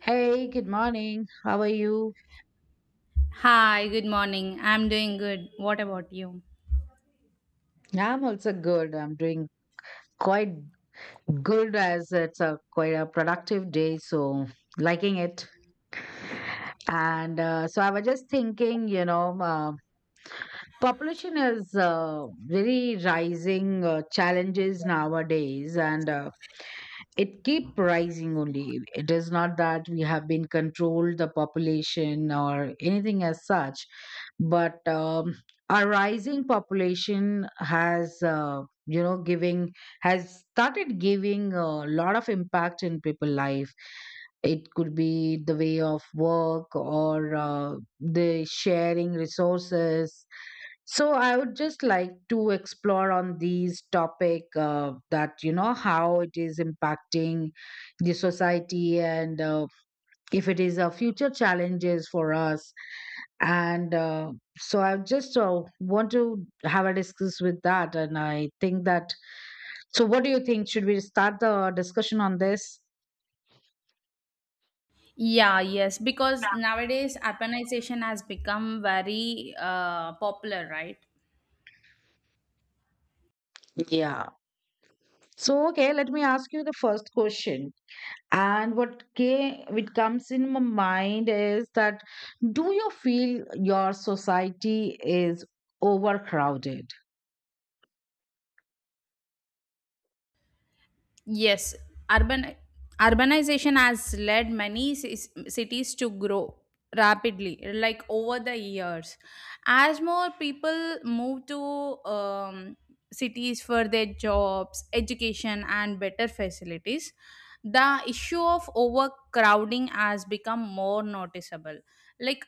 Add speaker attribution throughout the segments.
Speaker 1: Hey, good morning. How are you?
Speaker 2: Hi, good morning. I'm doing good. What about you?
Speaker 1: I'm also good. I'm doing quite good as it's a quite a productive day, so liking it. And So I was just thinking, population is very rising challenges nowadays, and it keep rising only it is not that we have been controlled the population or anything as such, but our rising population has giving has started giving a lot of impact in people life. It could be the way of work or the sharing resources. So I would just like to explore on these topic that you know how it is impacting the society and if it is a future challenges for us. And So I just want to have a discuss with that, and I think that. So what do you think? Should we start the discussion on this?
Speaker 2: Yeah, yes, because nowadays urbanization has become very popular, right?
Speaker 1: Yeah. So okay, let me ask you the first question. And it comes in my mind is that, do you feel your society is overcrowded?
Speaker 2: Yes, urban urbanization has led many cities to grow rapidly, like over the years, as more people move to um, cities for their jobs, education and better facilities. The issue of overcrowding has become more noticeable. Like,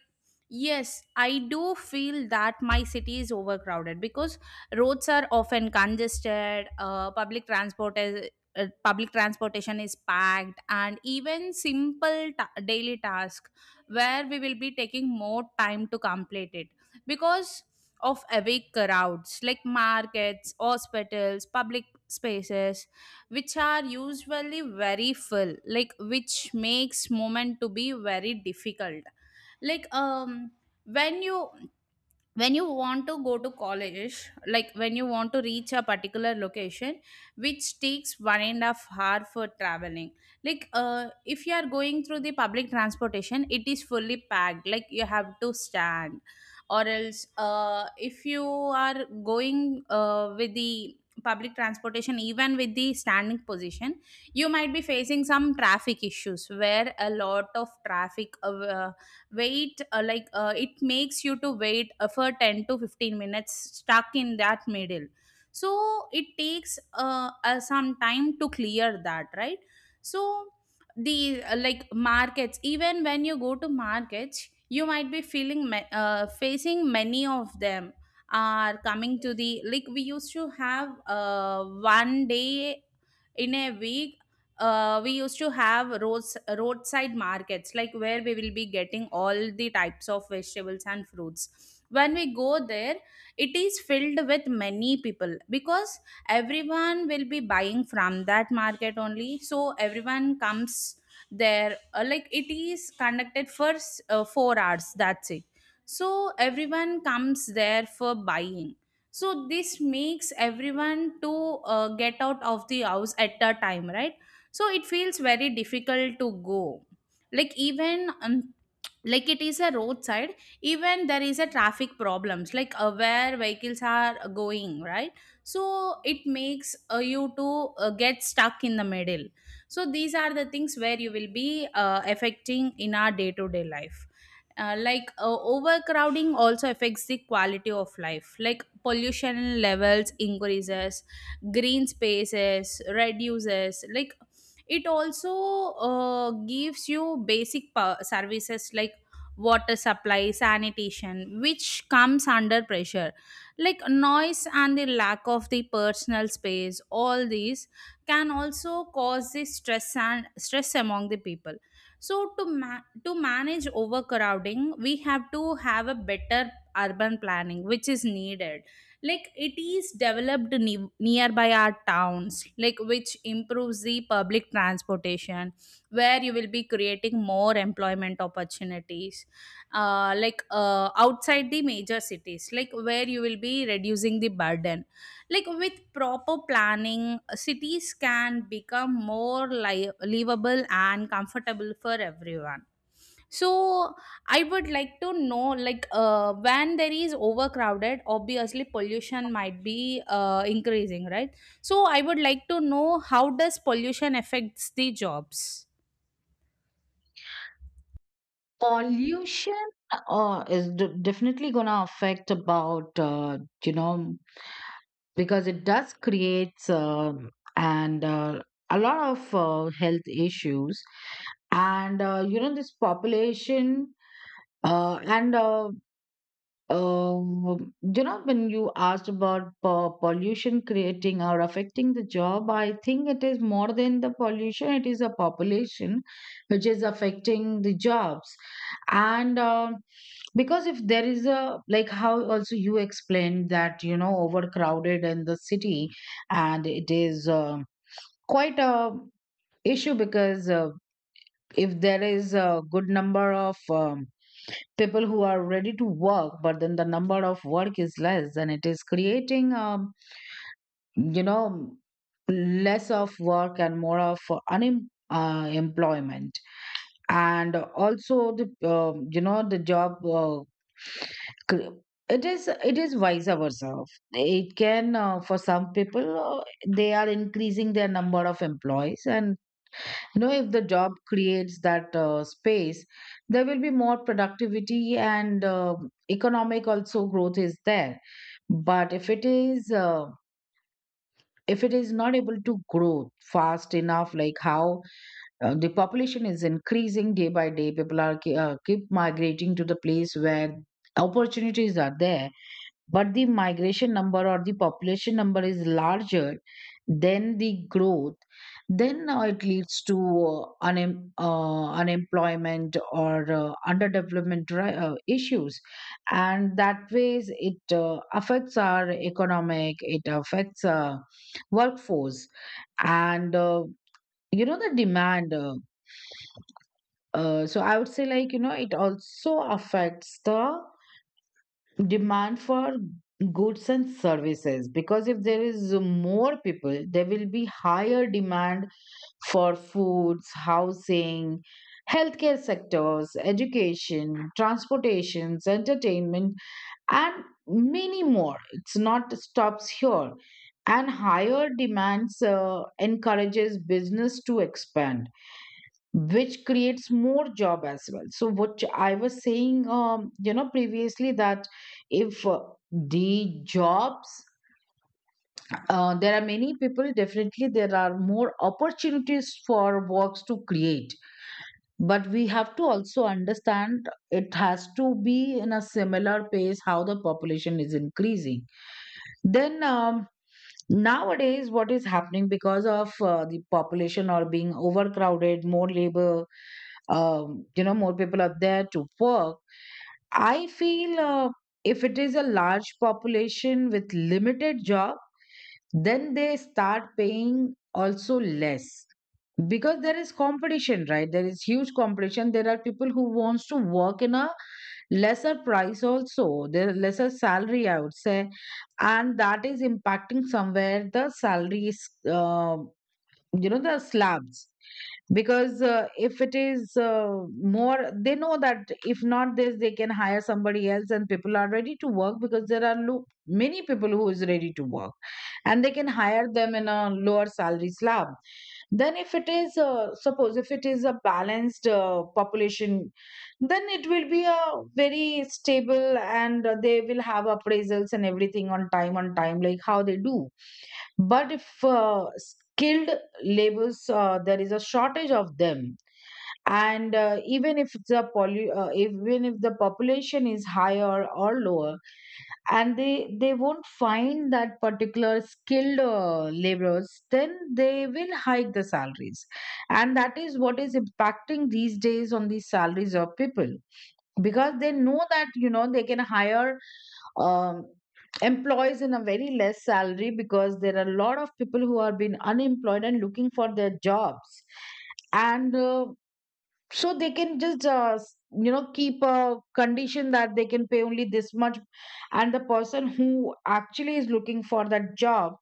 Speaker 2: yes, I do feel that my city is overcrowded because roads are often congested, public public transportation is packed, and even simple daily task where we will be taking more time to complete it because of awake crowds like markets, hospitals, public spaces, which are usually very full, like which makes movement to be very difficult. Like, um, when you, when you want to go to college, like when you want to reach a particular location which takes 1.5 hours for traveling. Like, if you are going through the public transportation, it is fully packed, like you have to stand. Or else, if you are going with the public transportation, even with the standing position, you might be facing some traffic issues where a lot of traffic, wait like it makes you to wait for 10 to 15 minutes stuck in that middle. So it takes some time to clear that, right? So the, like markets, even when you go to markets, you might be feeling facing many of them are coming to the, like, we used to have, one day in a week, we used to have roadside markets, like where we will be getting all the types of vegetables and fruits. When we go there, it is filled with many people because everyone will be buying from that market only, so everyone comes there. Like, it is conducted for 4 hours, that's it. So everyone comes there for buying, so this makes everyone to get out of the house at a time, right? So it feels very difficult to go. Like, even, like it is a roadside, even there is a traffic problems, like where vehicles are going, right? So it makes, you to get stuck in the middle. So these are the things where you will be affecting in our day to day life. Like, overcrowding also affects the quality of life, like pollution levels increases, green spaces reduces, like it also gives you basic services like water supply, sanitation, which comes under pressure. Like noise and the lack of the personal space, all these can also cause the stress among the people. So to manage overcrowding, we have to have a better urban planning, which is needed. Like it is developed nearby our towns, like which improves the public transportation, where you will be creating more employment opportunities, outside the major cities, like where you will be reducing the burden. Like, with proper planning, cities can become more livable and comfortable for everyone. So I would like to know, like, when there is overcrowded, obviously pollution might be increasing, right? So I would like to know how does pollution affects the jobs.
Speaker 1: Pollution is definitely gonna affect about, you know because it does creates, and a lot of health issues. And this population, uh, and uh, when you asked about pollution creating or affecting the job, I think it is more than the pollution, it is a population which is affecting the jobs. And because if there is a, like how also you explained that, overcrowded in the city, and it is quite a issue because, if there is a good number of people who are ready to work but then the number of work is less and it is creating, you know less of work and more of employment. And also the the job, cr- it is vice versa. It can for some people they are increasing their number of employees. And if the job creates that space, there will be more productivity and economic also growth is there. But if it is if it is not able to grow fast enough like how the population is increasing day by day, people are keep migrating to the place where opportunities are there, but the migration number or the population number is larger than the growth, then it leads to unemployment or underdevelopment issues. And that ways it affects our economic, it affects workforce and the demand. So I would say, like, it also affects the demand for goods and services, because if there is more people there will be higher demand for foods, housing, healthcare sectors, education, transportations, entertainment, and many more. It's not stops here. And higher demands encourages business to expand, which creates more job as well. So what I was saying, previously, that if the jobs, there are many people, definitely there are more opportunities for works to create, but we have to also understand it has to be in a similar pace how the population is increasing. Then nowadays what is happening, because of the population are being overcrowded, more labor, more people out there to work. I feel if it is a large population with limited job, then they start paying also less, because there is competition, right? There is huge competition, there are people who wants to work in a lesser price, also the lesser salary I would say. And that is impacting somewhere the salaries, the slabs, because if it is more, they know that if not this, they can hire somebody else, and people are ready to work because there are many people who is ready to work, and they can hire them in a lower salary slab. Then if it is suppose, if it is a balanced population, then it will be a very stable, and they will have appraisals and everything on time like how they do. But if skilled labels, there is a shortage of them, and even if even if the population is higher or lower, and they won't find that particular skilled laborers, then they will hike the salaries. And that is what is impacting these days on the salaries of people, because they know that, they can hire um, employees in a very less salary, because there are a lot of people who are being unemployed and looking for their jobs. And so they can just keep a condition that they can pay only this much, and the person who actually is looking for that job,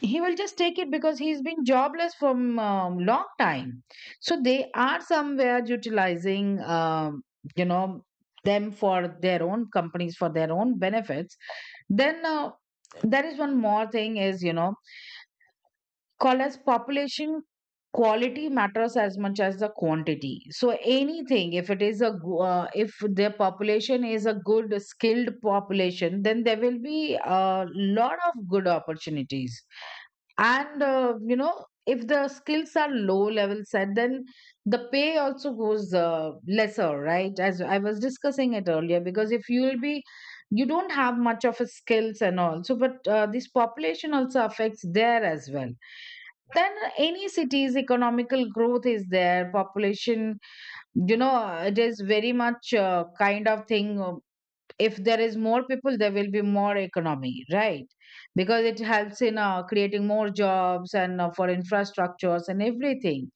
Speaker 1: he will just take it because he's been jobless for long time. So they are somewhere utilizing you know them for their own companies, for their own benefits. Then there is one more thing is, call as, population quality matters as much as the quantity. So anything, if it is a if their population is a good skilled population, then there will be a lot of good opportunities. And if the skills are low level set, then the pay also goes lesser, right, as I was discussing it earlier, because if you will be, you don't have much of a skills and all, so but this population also affects there as well. Then any city's economical growth is there population, it is very much kind of thing, if there is more people there will be more economy, right? Because it helps in creating more jobs and for infrastructures and everything.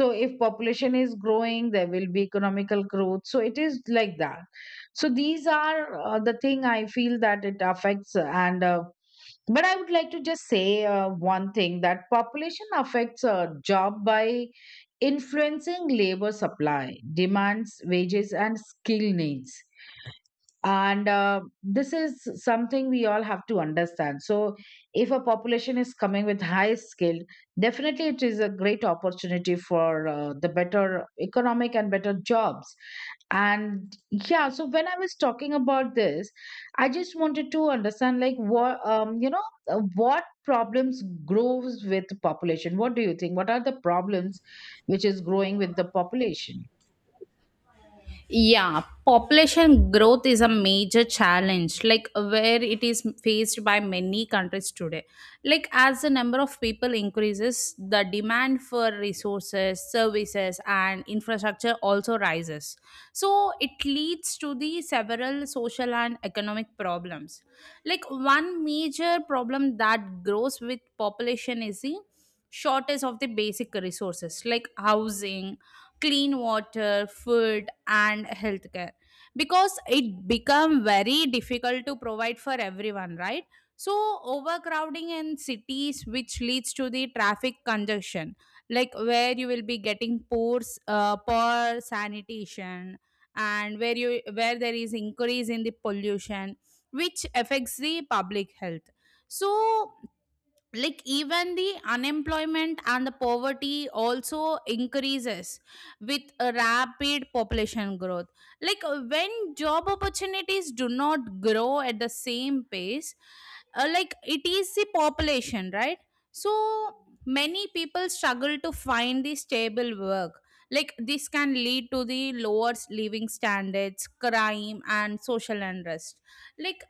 Speaker 1: So if population is growing there will be economical growth, so it is like that. So these are the thing I feel that it affects, and but I would like to just say one thing, that population affects a job by influencing labor supply, demands, wages, and skill needs. And this is something we all have to understand. So if a population is coming with high skill, definitely it is a great opportunity for the better economic and better jobs. And yeah, so when I was talking about this, I just wanted to understand, like, what, what problems grows with population? What do you think, what are the problems which is growing with the population?
Speaker 2: Yeah, population growth is a major challenge, like where it is faced by many countries today. Like, as the number of people increases, the demand for resources, services, and infrastructure also rises. So, it leads to the several social and economic problems. Like, one major problem that grows with population is the shortage of the basic resources like housing, clean water, food, and healthcare, because it become very difficult to provide for everyone, right? So, overcrowding in cities, which leads to the traffic congestion, like where you will be getting poor sanitation, and where there is increase in the pollution, which affects the public health. So, like, even the unemployment and the poverty also increases with a rapid population growth, like when job opportunities do not grow at the same pace, like it is the population, right? So many people struggle to find the stable work. Like, this can lead to the lower living standards, crime and social unrest. Like,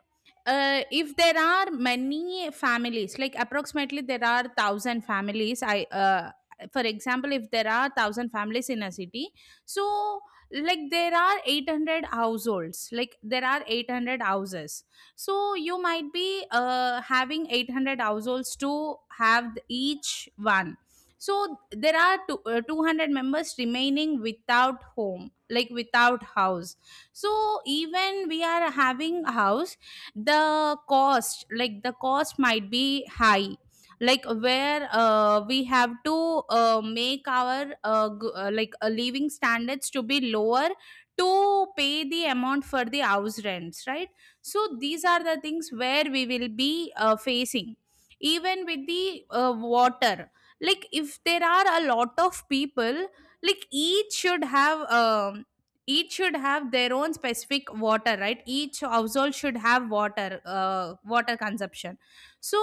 Speaker 2: if there are many families, like approximately there are 1,000 families, I for example, if there are 1,000 families in a city. So, like, there are 800 households, like there are 800 houses, so you might be having 800 households to have each one. So there are 200 members remaining without home, like without house. So even we are having house, the cost, like the cost might be high, like where we have to make our living standards to be lower to pay the amount for the house rents, right? So these are the things where we will be facing. Even with the, water, like if there are a lot of people, like each should have their own specific water, right? Each household should have water consumption. So,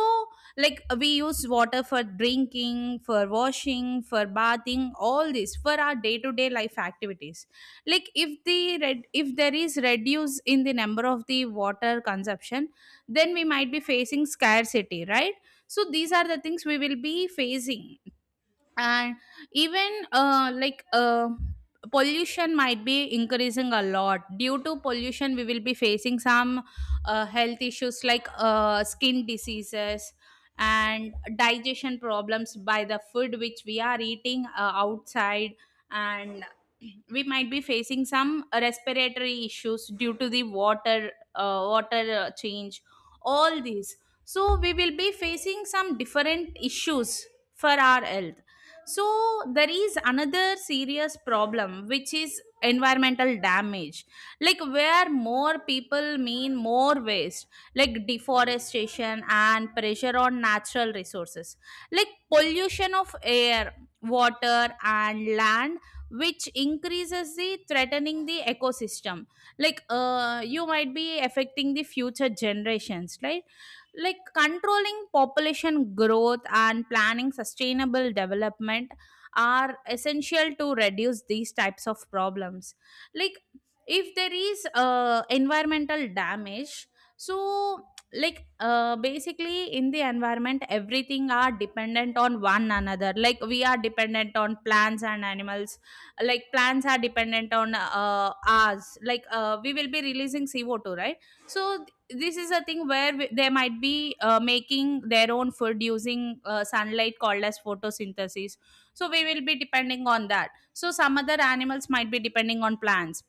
Speaker 2: like, we use water for drinking, for washing, for bathing, all this for our day to day life activities. Like, if if there is reduce in the number of the water consumption, then we might be facing scarcity, right? So these are the things we will be facing. And even, pollution might be increasing a lot. Due to pollution, we will be facing some health issues like skin diseases and digestion problems by the food which we are eating outside. And we might be facing some respiratory issues due to the water change, all these. So we will be facing some different issues for our health. So there is another serious problem which is environmental damage, like where more people mean more waste, like deforestation and pressure on natural resources, like pollution of air, water and land, which increases the threatening the ecosystem. Like, you might be affecting the future generations, right? Like, controlling population growth and planning sustainable development are essential to reduce these types of problems. Like, if there is environmental damage, so, like, basically in the environment everything are dependent on one another, like we are dependent on plants and animals, like plants are dependent on ours, like we will be releasing CO2, right? So this is a thing where they might be making their own food using sunlight called as photosynthesis. So we will be depending on that, so some other animals might be depending on plants.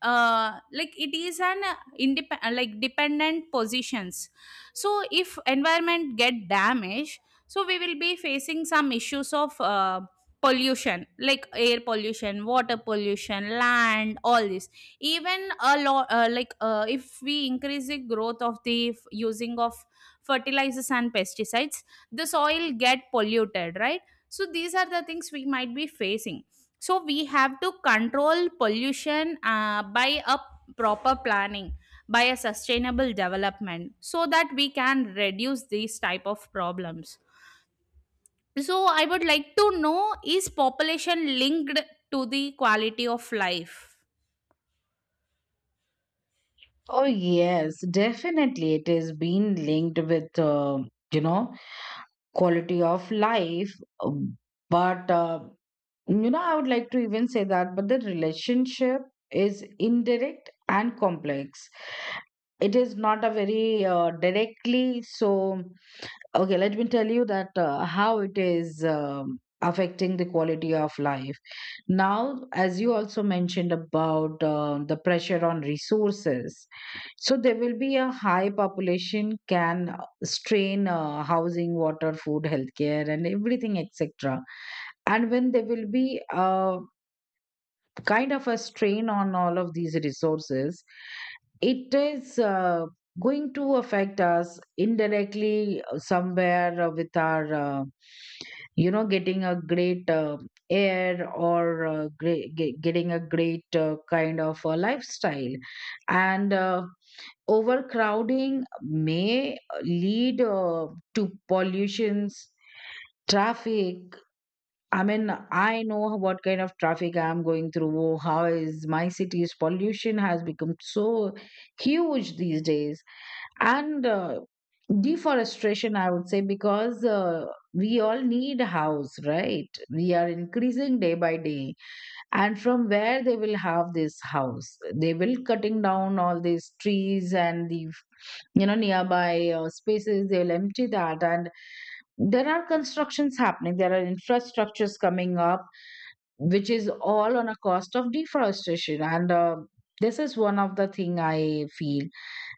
Speaker 2: Like, it is an independent like dependent positions. So if environment get damaged, so we will be facing some issues of, pollution, like air pollution, water pollution, land, all this. Even a lot like if we increase the growth of the using of fertilizers and pesticides, the soil get polluted, right? So these are the things we might be facing. So we have to control pollution by a proper planning, by a sustainable development, so that we can reduce these type of problems. So I would like to know, is population linked to the quality of life?
Speaker 1: Oh, yes, definitely. It is being linked with, you know, quality of life. um, But I would like to even say that, but the relationship is indirect and complex. It is not a very directly so. Okay, let me tell you that, how it is affecting the quality of life. Now, as you also mentioned about the pressure on resources, so there will be a high population, can strain housing, water, food, healthcare, and everything, etc. And when there will be kind of a strain on all of these resources, it is going to affect us indirectly somewhere with our, getting a great air, or getting a great kind of a lifestyle. And overcrowding may lead to pollutions, traffic. I mean, I know what kind of traffic I'm going through, how is my city's pollution has become so huge these days. And deforestation, I would say, because we all need house, right? We are increasing day by day. And from where they will have this house? They will cutting down all these trees and the, nearby spaces, they will empty that. And there are constructions happening, there are infrastructures coming up, which is all on a cost of deforestation. And this is one of the thing I feel.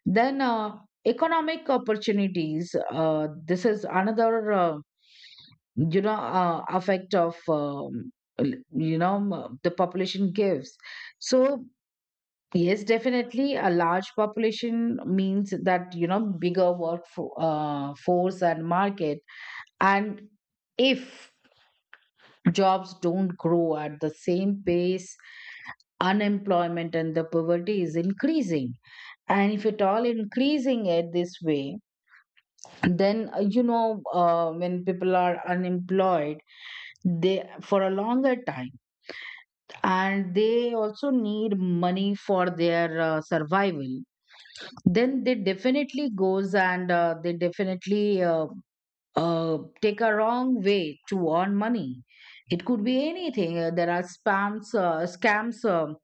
Speaker 1: Then economic opportunities, this is another, you know effect of, the population gives. So yes, definitely a large population means that, bigger work for, force and market. And if jobs don't grow at the same pace, unemployment and the poverty is increasing. And if at all increasing it this way, then when people are unemployed, they for a longer time, and they also need money for their survival. Then they definitely goes, and they definitely take a wrong way to earn money. It could be anything. There are spams, scams, um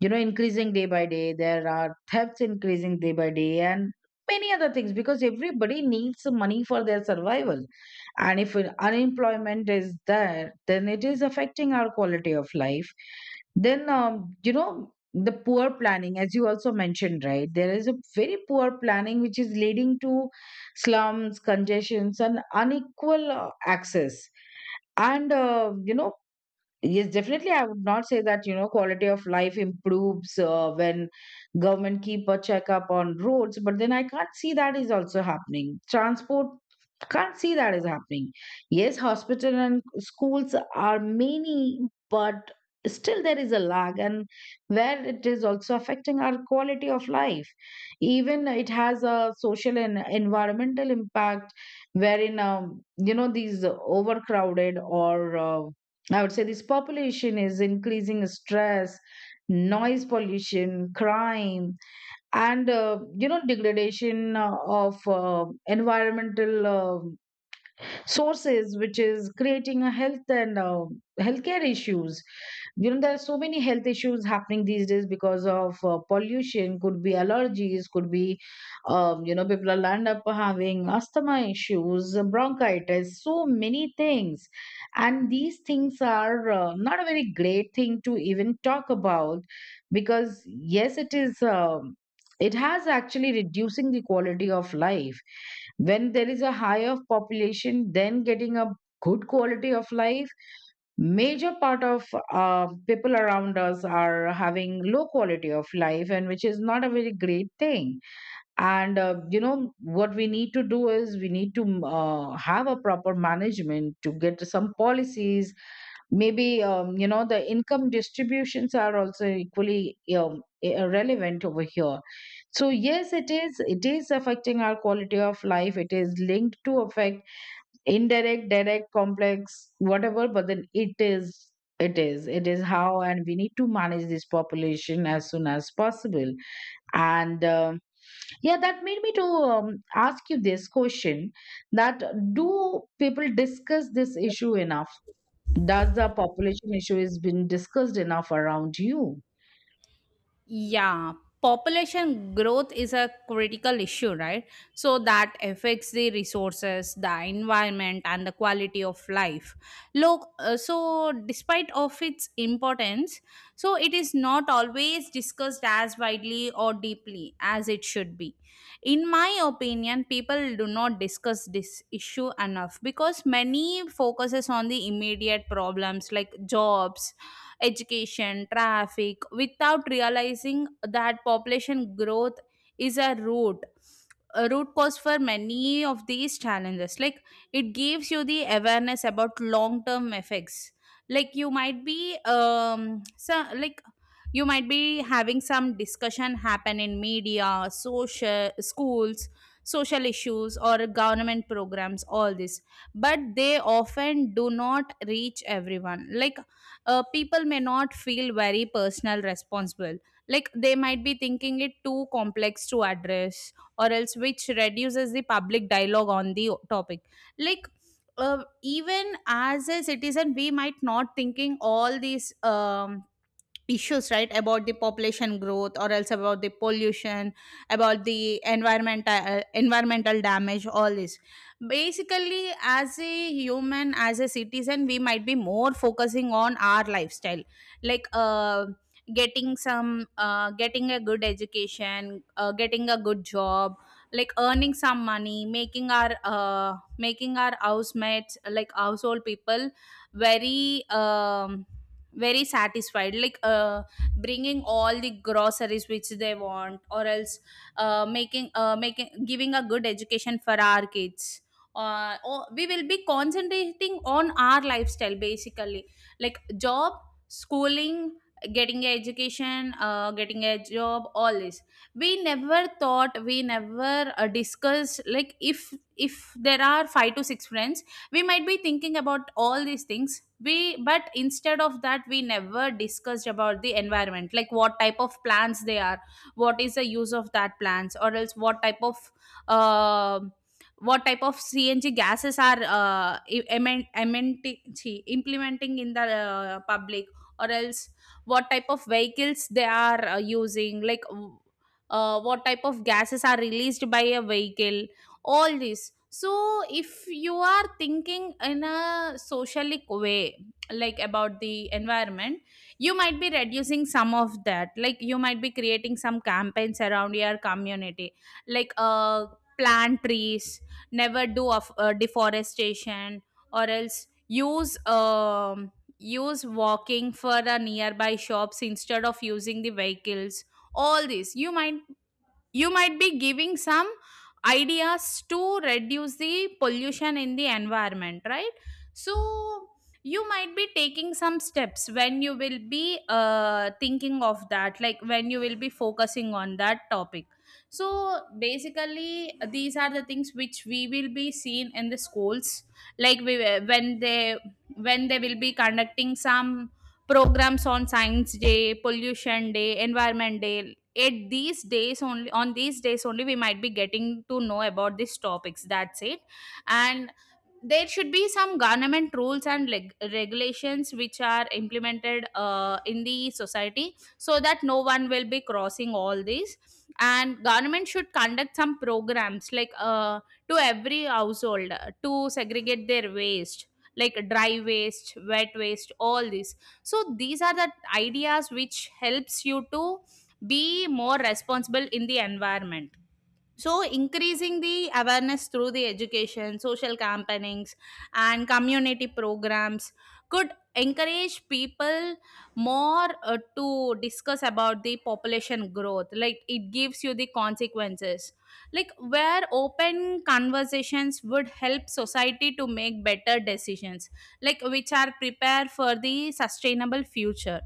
Speaker 1: you know, increasing day by day. There are thefts increasing day by day, and many other things, because everybody needs money for their survival. And if unemployment is there, then it is affecting our quality of life. Then, the poor planning, as you also mentioned, right? There is a very poor planning which is leading to slums, congestions, and unequal access. And uh, you know, Yes, definitely. I would not say that, quality of life improves when government keep a checkup on roads, but then I can't see that is also happening. Transport can't see that is happening. Yes, hospital and schools are many, but still there is a lag and where it is also affecting our quality of life. Even it has a social and environmental impact wherein, these overcrowded or I would say this population is increasing stress, noise pollution, crime, and degradation of environmental sources, which is creating a health and healthcare issues. You know, there are so many health issues happening these days because of pollution, could be allergies, could be people will end up having asthma issues, bronchitis, so many things. And these things are not a very great thing to even talk about, because yes, it is, it has actually reducing the quality of life. When there is a high of population, then getting a good quality of life, major part of people around us are having low quality of life, and which is not a very great thing. And you know what we need to do is we need to have a proper management to get some policies, maybe. The income distributions are also equally relevant over here. So yes, it is affecting our quality of life. It is linked to affect, indirect, direct, complex, whatever, but then it is how, and we need to manage this population as soon as possible. And yeah, that made me to ask you this question, that do people discuss this issue enough? Does the population issue is been discussed enough around you?
Speaker 2: Yeah, population growth is a critical issue, right? So that affects the resources, the environment, and the quality of life. Look, so despite of its importance, so it is not always discussed as widely or deeply as it should be. In my opinion, people do not discuss this issue enough because many focuses on the immediate problems like jobs, education, traffic, without realizing that population growth is a root cause for many of these challenges. Like, it gives you the awareness about long term effects. Like, you might be you might be having some discussion happen in media, social schools, social issues or government programs, all this. But they often do not reach everyone. Like, people may not feel very personal responsible, like they might be thinking it too complex to address, or else which reduces the public dialogue on the topic. Like, even as a citizen, we might not thinking all these issues, right, about the population growth, or else about the pollution, about the environmental damage, all this. Basically as a human, as a citizen, we might be more focusing on our lifestyle. Like, getting a good education, getting a good job, like earning some money, making our housemates, like household people very, very satisfied, like bringing all the groceries which they want. Or else, making making giving a good education for our kids, or we will be concentrating on our lifestyle basically, like job, schooling, getting a education, getting a job, all this. We never thought, we never discussed, like if there are five to six friends, we might be thinking about all these things. We But instead of that, we never discussed about the environment, like what type of plants they are, what is the use of that plants, or else what type of, uh, what type of cng gases are implementing in the public, or else what type of vehicles they are using, like, what type of gases are released by a vehicle, all this. So, if you are thinking in a socialic way, like about the environment, you might be reducing some of that, like you might be creating some campaigns around your community, like, plant trees, never do of deforestation, or else use walking for the nearby shops instead of using the vehicles. All this, you might, you might be giving some ideas to reduce the pollution in the environment, right? So you might be taking some steps when you will be thinking of that, like when you will be focusing on that topic. So basically these are the things which we will be seeing in the schools, like we, when they when they will be conducting some programs on science day, pollution day, environment day, at these days only on these days only, we might be getting to know about these topics, that's it. And there should be some government rules and regulations which are implemented in the society, so that no one will be crossing all these. And government should conduct some programs like, to every household, to segregate their waste, like dry waste, wet waste, all this. So these are the ideas which helps you to be more responsible in the environment. So, increasing the awareness through the education, social campaignings, and community programs could encourage people more, to discuss about the population growth. Like, it gives you the consequences. Like, where open conversations would help society to make better decisions, like, which are prepared for the sustainable future.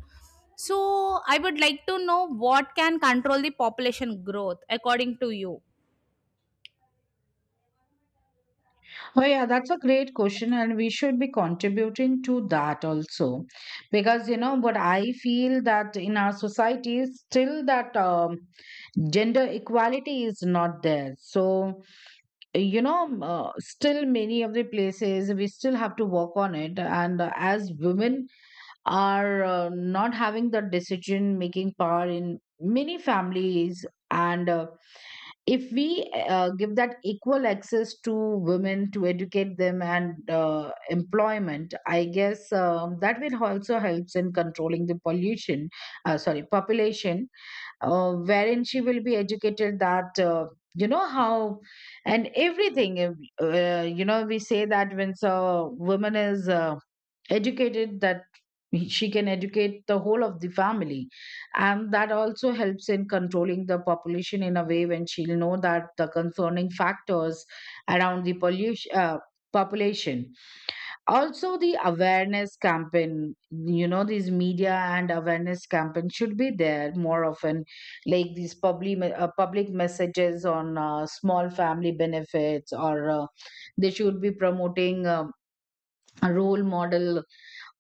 Speaker 2: So, I would like to know what can control the population growth according to you.
Speaker 1: Oh yeah, that's a great question, and we should be contributing to that also, because you know what I feel that in our society still that gender equality is not there. So you know, still many of the places we still have to work on it, and as women are not having the decision making power in many families and. If we give that equal access to women to educate them and employment, I guess that will also helps in controlling the pollution, sorry, population. Wherein she will be educated that how and everything. If, we say that when a woman is educated, that she can educate the whole of the family, and that also helps in controlling the population in a way, when she'll know that the concerning factors around the pollution, population. Also the awareness campaign, you know, these media and awareness campaign should be there more often, like these public public messages on small family benefits, or they should be promoting a role model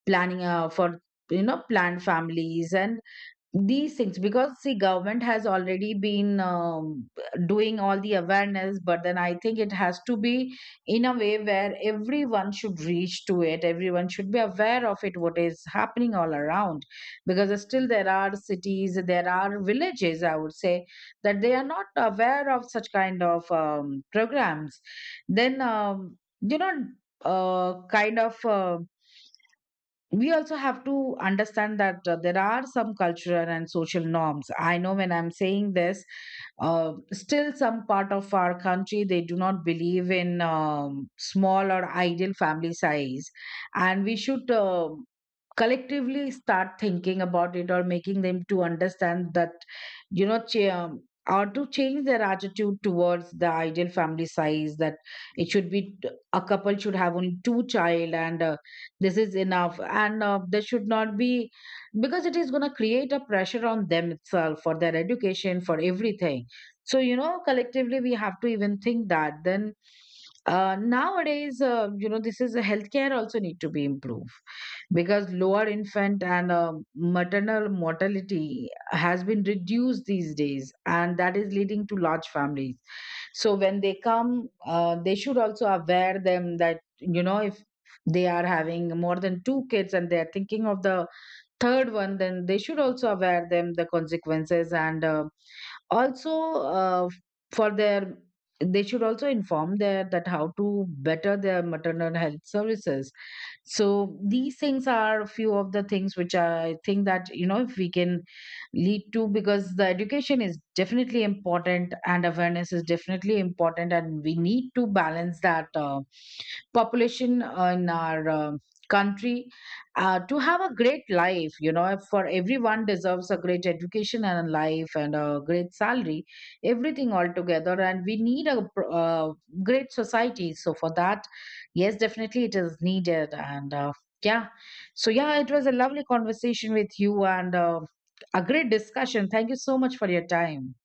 Speaker 1: planning for, you know, planned families, and these things. Because see, government has already been doing all the awareness, but then I think it has to be in a way where everyone should reach to it, everyone should be aware of it, what is happening all around. Because still there are cities, there are villages, I would say that they are not aware of such kind of programs. Then you know kind of we also have to understand that there are some cultural and social norms, I know when I'm saying this, still some part of our country they do not believe in small or ideal family size, and we should collectively start thinking about it, or making them to understand that you know ch- um, or to change their attitude towards the ideal family size, that it should be t- a couple should have only two child, and this is enough, and there should not be, because it is going to create a pressure on them itself for their education, for everything. So you know, collectively we have to even think that. Then nowadays this is healthcare also need to be improved, because lower infant and maternal mortality has been reduced these days, and that is leading to large families. So when they come they should also aware them that, you know, if they are having more than two kids and they are thinking of the third one, then they should also aware them the consequences, and also, uh, for their, they should also inform their that how to better their maternal health services. So these things are a few of the things which I think that, you know, if we can lead to, because the education is definitely important and awareness is definitely important, and we need to balance that population in our country, to have a great life, you know, for everyone deserves a great education and a life and a great salary, everything all together. And we need a great society. So for that, yes, definitely it is needed, and yeah. So yeah, it was a lovely conversation with you, and a great discussion. Thank you so much for your time.